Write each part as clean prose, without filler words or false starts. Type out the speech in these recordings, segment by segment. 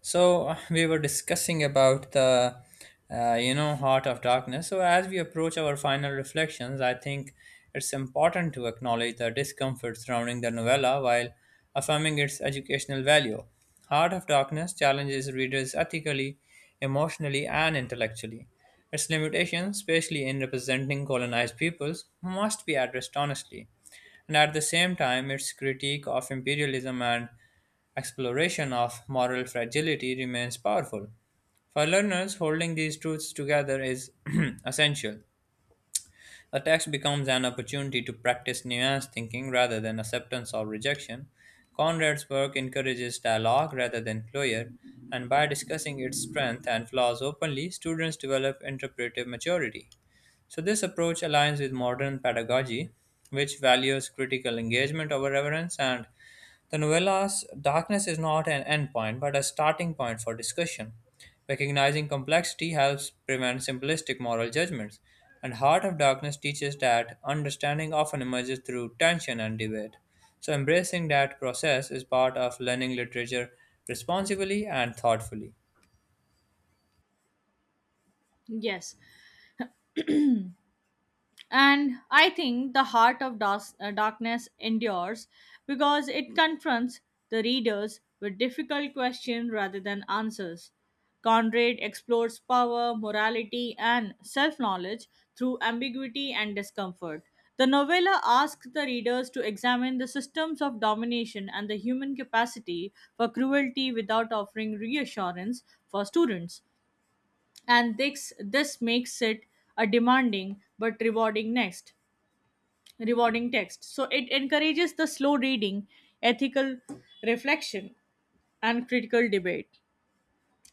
So we were discussing about the Heart of Darkness. So as we approach our final reflections, I think it's important to acknowledge the discomfort surrounding the novella while affirming its educational value. Heart of Darkness challenges readers ethically, emotionally, and intellectually. Its limitations, especially in representing colonized peoples, must be addressed honestly, and at the same time its critique of imperialism and exploration of moral fragility remains powerful. For learners, holding these truths together is essential. A text becomes an opportunity to practice nuanced thinking rather than acceptance or rejection. Conrad's work encourages dialogue rather than closure, and by discussing its strengths and flaws openly, students develop interpretive maturity. So this approach aligns with modern pedagogy, which values critical engagement over reverence, and the novella's darkness is not an endpoint, but a starting point for discussion. Recognizing complexity helps prevent simplistic moral judgments, and Heart of Darkness teaches that understanding often emerges through tension and debate. So embracing that process is part of learning literature responsibly and thoughtfully. Yes, and I think the heart of darkness endures because it confronts the readers with difficult questions rather than answers. Conrad explores power, morality, and self knowledge through ambiguity and discomfort. The novella asks the readers to examine the systems of domination and the human capacity for cruelty without offering reassurance for students. And this makes it a demanding but rewarding text, so it encourages the slow reading, ethical reflection, and critical debate.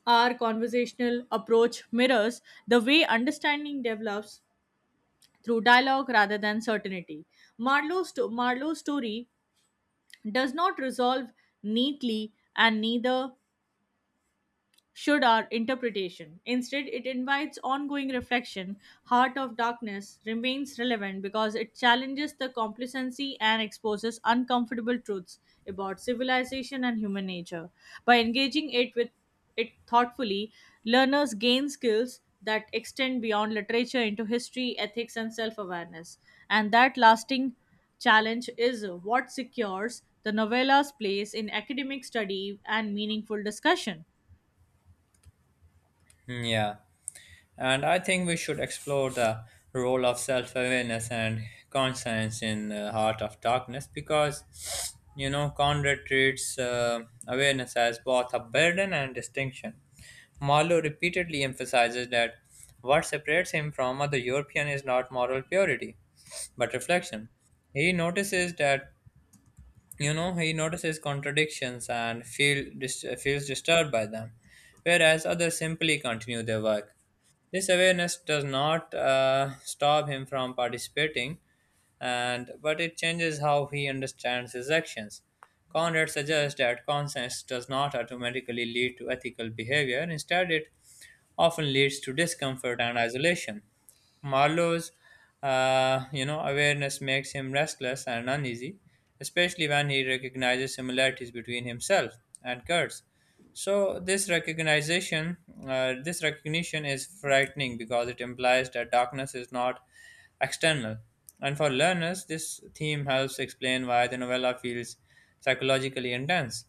Our conversational approach mirrors the way understanding develops through dialogue rather than certainty. Marlowe's story does not resolve neatly, and neither should our interpretation. Instead, it invites ongoing reflection. Heart of Darkness remains relevant because it challenges the complacency and exposes uncomfortable truths about civilization and human nature. By engaging it with it thoughtfully, learners gain skills that extend beyond literature into history, ethics, and self awareness. And that lasting challenge is what secures the novella's place in academic study and meaningful discussion. Yeah. And I think we should explore the role of self awareness and conscience in the Heart of Darkness because, you know, Conrad treats awareness as both a burden and distinction. Marlowe repeatedly emphasizes that what separates him from other European is not moral purity, but reflection. He notices that you know, he notices contradictions and feels disturbed by them, whereas others simply continue their work. This awareness does not stop him from participating, and but it changes how he understands his actions. Conrad suggests that conscience does not automatically lead to ethical behavior. Instead, it often leads to discomfort and isolation. Marlowe's, you know, awareness makes him restless and uneasy, especially when he recognizes similarities between himself and Kurtz. So this recognition is frightening because it implies that darkness is not external. And for learners, this theme helps explain why the novella feels psychologically intense.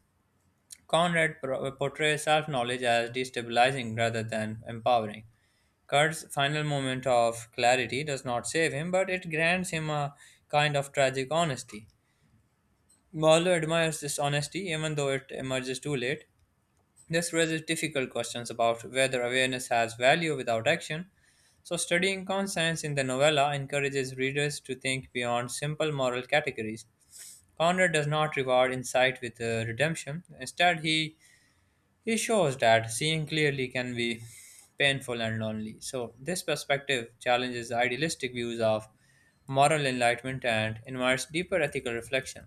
Conrad portrays self knowledge as destabilizing rather than empowering. Kurt's final moment of clarity does not save him, but it grants him a kind of tragic honesty. Marlowe admires this honesty, even though it emerges too late. This raises difficult questions about whether awareness has value without action. So studying conscience in the novella encourages readers to think beyond simple moral categories. Conrad does not reward insight with redemption. Instead, he it shows that seeing clearly can be painful and lonely. So this perspective challenges idealistic views of moral enlightenment and invites deeper ethical reflection.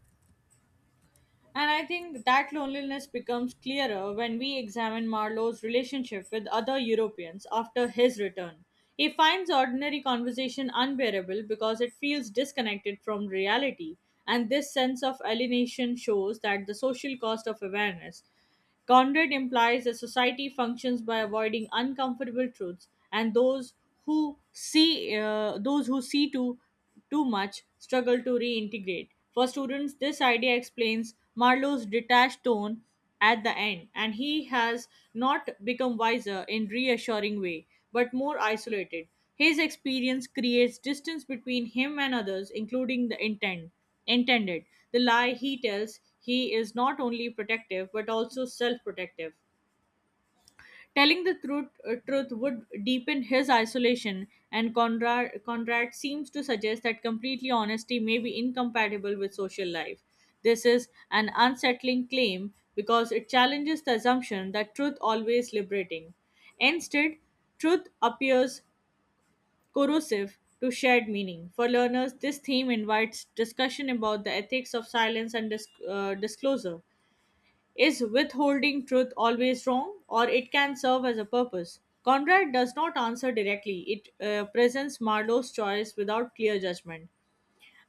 And I think that loneliness becomes clearer when we examine Marlowe's relationship with other Europeans after his return. He finds ordinary conversation unbearable because it feels disconnected from reality, and this sense of alienation shows that the social cost of awareness. Conrad implies that society functions by avoiding uncomfortable truths, and those who see to too much struggle to reintegrate. For students, this idea explains Marlowe's detached tone at the end, and he has not become wiser in reassuring way, but more isolated. His experience creates distance between him and others, including the intent intended. The lie he tells he is not only protective but also self protective. Telling the truth would deepen his isolation, and Conrad seems to suggest that completely honesty may be incompatible with social life. This is an unsettling claim because it challenges the assumption that truth always liberating. Instead, truth appears corrosive to shared meaning. For learners, this theme invites discussion about the ethics of silence and disclosure. Is withholding truth always wrong, or it can serve as a purpose? Conrad does not answer directly. It presents Marlowe's choice without clear judgment.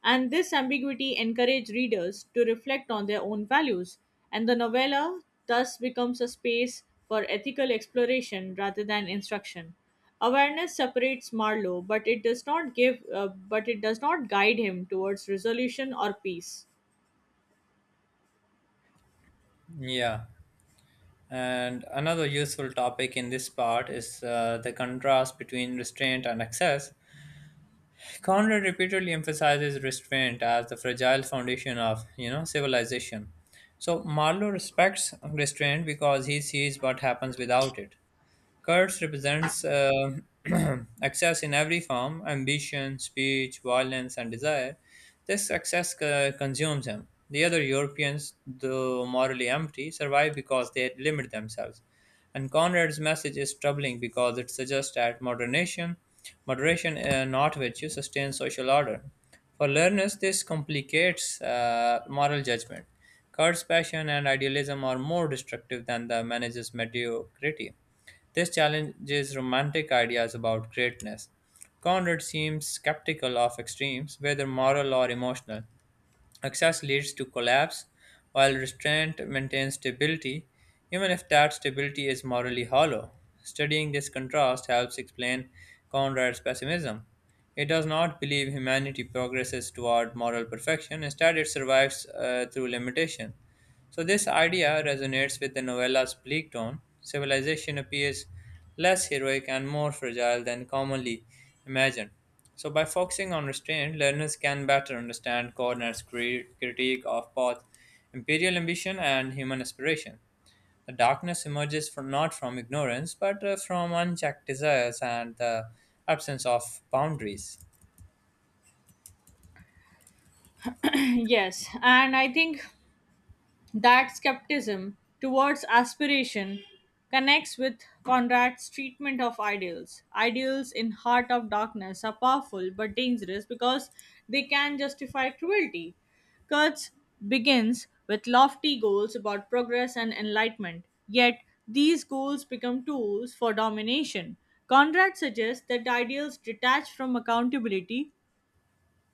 And this ambiguity encourages readers to reflect on their own values. And the novella thus becomes a space for ethical exploration rather than instruction. Awareness separates Marlowe, but it does not give, but it does not guide him towards resolution or peace. Yeah. And another useful topic in this part is the contrast between restraint and excess. Conrad repeatedly emphasizes restraint as the fragile foundation of, you know, civilization. So Marlowe respects restraint because he sees what happens without it. Kurds represents excess in every form: ambition, speech, violence, and desire. Consumes him. The other Europeans, though morally empty, survive because they limit themselves. And Conrad's message is troubling because it suggests that moderation, not virtue, sustains social order. For learners, this complicates moral judgment. Kurt's passion and idealism are more destructive than the manager's mediocrity. This challenges romantic ideas about greatness. Conrad seems skeptical of extremes, whether moral or emotional. Excess leads to collapse, while restraint maintains stability, even if that stability is morally hollow. Studying this contrast helps explain Conrad's pessimism. It does not believe humanity progresses toward moral perfection; instead, it survives through limitation. So this idea resonates with the novella's bleak tone. Civilization appears less heroic and more fragile than commonly imagined. So by focusing on restraint, learners can better understand critique of both imperial ambition and human aspiration. The darkness emerges from, not from ignorance, but from unchecked desires and the absence of boundaries. Yes, and I think that skepticism towards aspiration connects with Conrad's treatment of ideals. Ideals in Heart of Darkness are powerful but dangerous because they can justify cruelty. Kurtz begins with lofty goals about progress and enlightenment, yet these goals become tools for domination. Conrad suggests that ideals detached from accountability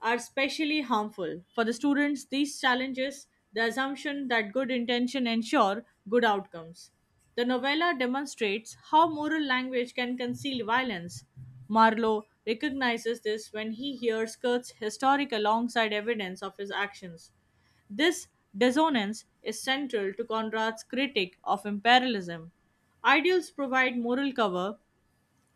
are especially harmful. For the students, these challenges the assumption that good intention ensure good outcomes. The novella demonstrates how moral language can conceal violence. Marlowe recognizes this when he hears Kurt's historic alongside evidence of his actions. This dissonance is central to Conrad's critique of imperialism. Ideals provide moral cover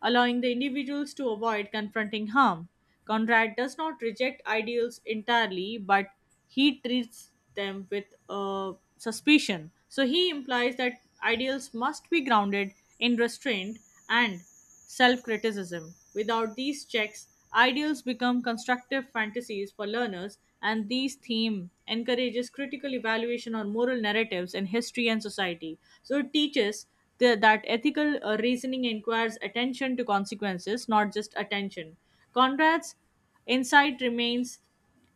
allowing the individuals to avoid confronting harm. Conrad does not reject ideals entirely, but he treats them with suspicion. So he implies that ideals must be grounded in restraint and self criticism. Without these checks, ideals become constructive fantasies for learners, and these theme encourages critical evaluation on moral narratives in history and society. So it teaches the, that ethical reasoning inquires attention to consequences, not just attention. Conrad's insight remains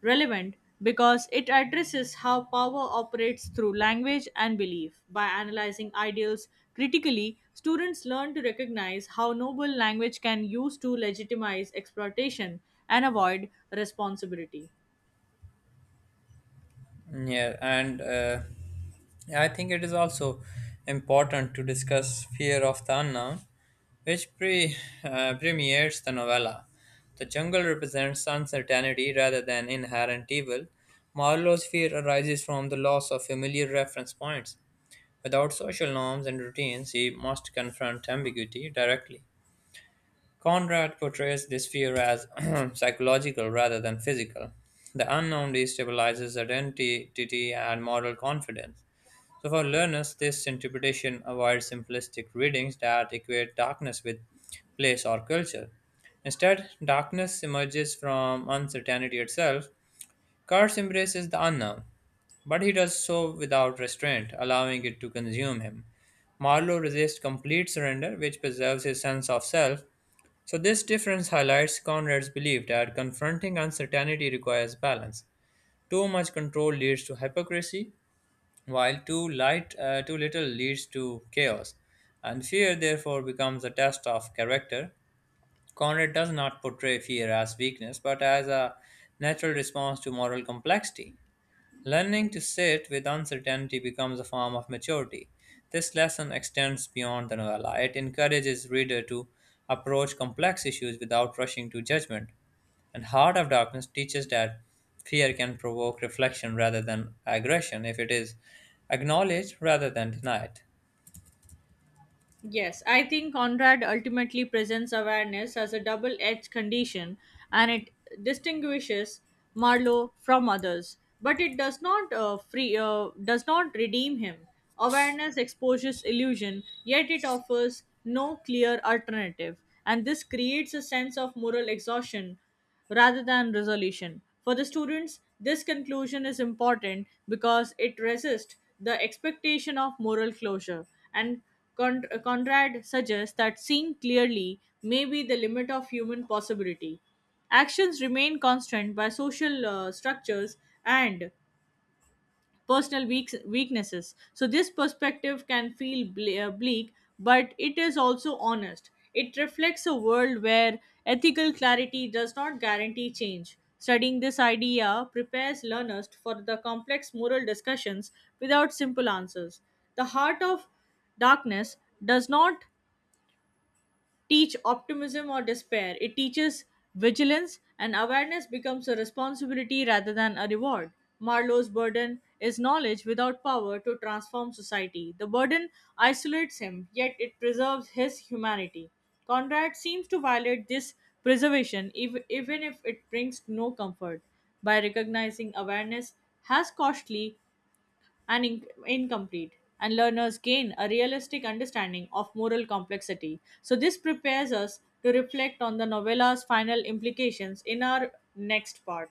relevant because it addresses how power operates through language and belief. By analyzing ideals critically, students learn to recognize how noble language can use to legitimize exploitation and avoid responsibility. Yeah, and I think it is also important to discuss fear of the unknown, which premieres the novella. The jungle represents uncertainty rather than inherent evil. Marlowe's fear arises from the loss of familiar reference points. Without social norms and routines, he must confront ambiguity directly. Conrad portrays this fear as psychological rather than physical. The unknown destabilizes identity and moral confidence. So for learners, this interpretation avoids simplistic readings that equate darkness with place or culture. Instead, darkness emerges from uncertainty itself. Kurtz embraces the unknown, but he does so without restraint, allowing it to consume him. Marlowe resists complete surrender, which preserves his sense of self. So this difference highlights Conrad's belief that confronting uncertainty requires balance. Too much control leads to hypocrisy, while too little leads to chaos. And fear, therefore, becomes a test of character. Conrad does not portray fear as weakness, but as a natural response to moral complexity. Learning to sit with uncertainty becomes a form of maturity. This lesson extends beyond the novella. It encourages reader to approach complex issues without rushing to judgment. And Heart of Darkness teaches that fear can provoke reflection rather than aggression if it is acknowledged rather than denied. Yes, I think Conrad ultimately presents awareness as a double edged condition, and it distinguishes Marlowe from others, but it does not redeem him. Awareness exposes illusion, yet it offers no clear alternative, and this creates a sense of moral exhaustion rather than resolution. For the students, this conclusion is important because it resists the expectation of moral closure. And Conrad suggests that seeing clearly may be the limit of human possibility. Actions remain constant by social structures and personal weaknesses. So, this perspective can feel bleak, but it is also honest. It reflects a world where ethical clarity does not guarantee change. Studying this idea prepares learners for the complex moral discussions without simple answers. The heart of darkness does not teach optimism or despair. It teaches vigilance, and awareness becomes a responsibility rather than a reward. Marlowe's burden is knowledge without power to transform society. The burden isolates him, yet it preserves his humanity. Conrad seems to violate this preservation even if it brings no comfort. By recognizing awareness has costly, and incomplete, and learners gain a realistic understanding of moral complexity. So, this prepares us to reflect on the novella's final implications in our next part.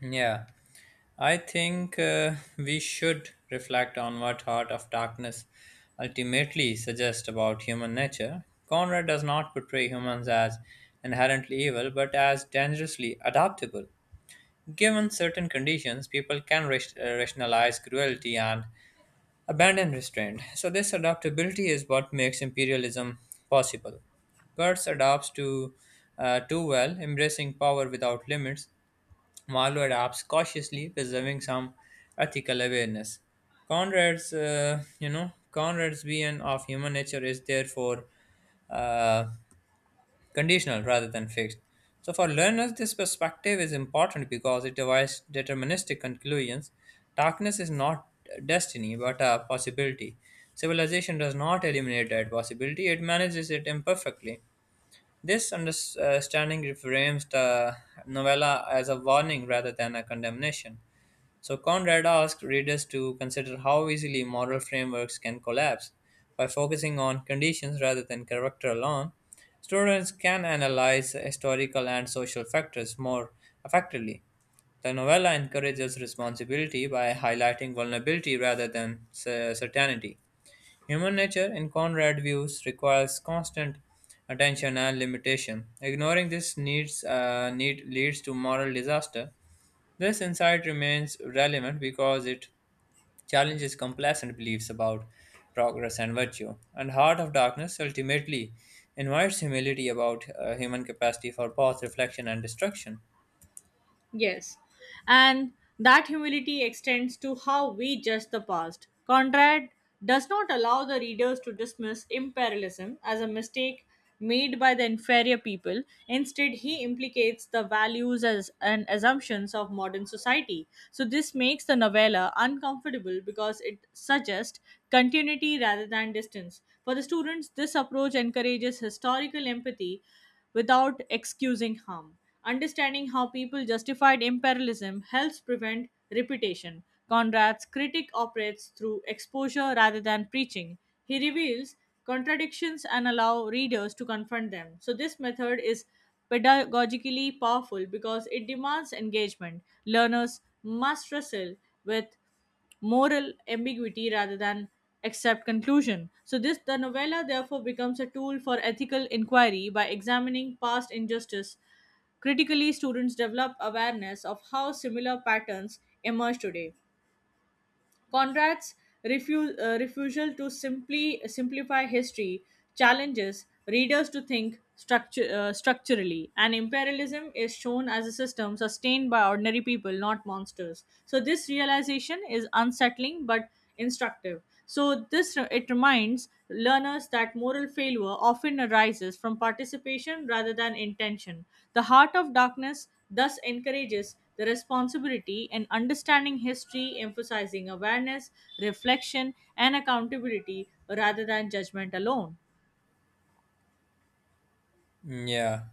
Yeah, I think we should reflect on what Heart of Darkness ultimately suggests about human nature. Conrad does not portray humans as inherently evil, but as dangerously adaptable. Given certain conditions, people can rationalize cruelty and abandon restraint. So this adaptability is what makes imperialism possible. Kurtz adapts to too well, embracing power without limits. Marlowe adapts cautiously, preserving some ethical awareness. Conrad's vision of human nature is therefore uh, conditional rather than fixed. So for learners, this perspective is important because it avoids deterministic conclusions. Darkness is not destiny but a possibility. Civilization does not eliminate that possibility; it manages it imperfectly. This understanding reframes the novella as a warning rather than a condemnation. So Conrad asked readers to consider how easily moral frameworks can collapse. By focusing on conditions rather than character alone, students can analyze historical and social factors more effectively. The novella encourages responsibility by highlighting vulnerability rather than certainty. Human nature, in Conrad views, requires constant attention and limitation. Ignoring this need leads to moral disaster. This insight remains relevant because it challenges complacent beliefs about progress and virtue. And Heart of Darkness ultimately invites humility about human capacity for both reflection and destruction. Yes, and that humility extends to how we judge the past. Conrad does not allow the readers to dismiss imperialism as a mistake made by the inferior people. Instead, he implicates the values as, and assumptions of modern society. So, this makes the novella uncomfortable because it suggests continuity rather than distance. For the students, this approach encourages historical empathy without excusing harm. Understanding how people justified imperialism helps prevent repetition. Conrad's critic operates through exposure rather than preaching. He reveals contradictions and allow readers to confront them. So this method is pedagogically powerful because it demands engagement. Learners must wrestle with moral ambiguity rather than accept conclusion. So this the novella therefore becomes a tool for ethical inquiry by examining past injustice. Critically, students develop awareness of how similar patterns emerge today. Conrad's refusal to simply simplify history challenges readers to think structurally, and imperialism is shown as a system sustained by ordinary people, not monsters. So, this realization is unsettling but instructive. So this it reminds learners that moral failure often arises from participation rather than intention. The heart of darkness thus encourages the responsibility in understanding history, emphasizing awareness, reflection, and accountability rather than judgment alone. Yeah.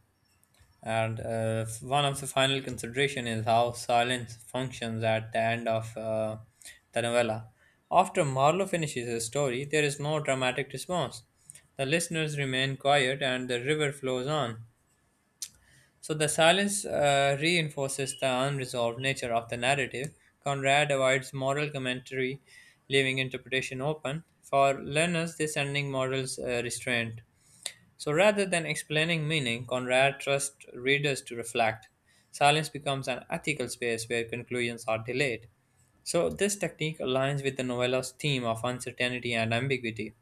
And one of the final consideration is how silence functions at the end of the novella. After Marlowe finishes his story, there is no dramatic response. The listeners remain quiet and the river flows on. So the silence reinforces the unresolved nature of the narrative. Conrad avoids moral commentary, leaving interpretation open. For learners, this ending models restraint. So rather than explaining meaning, Conrad trusts readers to reflect. Silence becomes an ethical space where conclusions are delayed. So this technique aligns with the novela's theme of uncertainty and ambiguity.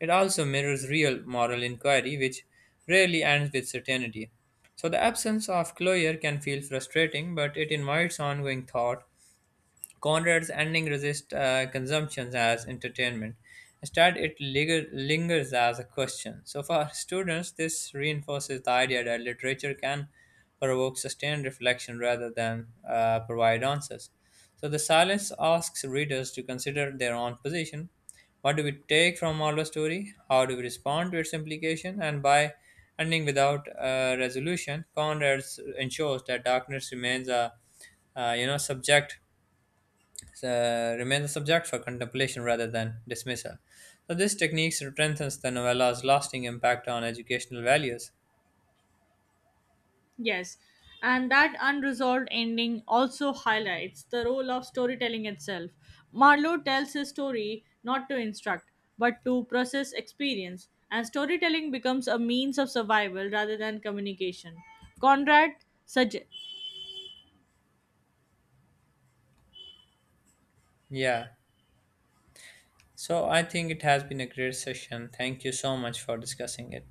It also mirrors real moral inquiry, which rarely ends with certainty. So the absence of closure can feel frustrating, but it invites ongoing thought. Conrad's ending resists consumption as entertainment. Instead, lingers as a question. So for students, this reinforces the idea that literature can provoke sustained reflection rather than provide answers. So the silence asks readers to consider their own position. What do we take from Marlowe's story? How do we respond to its implication? And by ending without resolution, Conrad ensures that darkness remains a you know subject remains a subject for contemplation rather than dismissal. So this technique strengthens the novella's lasting impact on educational values. Yes, and that unresolved ending also highlights the role of storytelling itself. Marlowe tells his story not to instruct, but to process experience, and storytelling becomes a means of survival rather than communication. Conrad sugge- Yeah. So I think it has been a great session. Thank you so much for discussing it.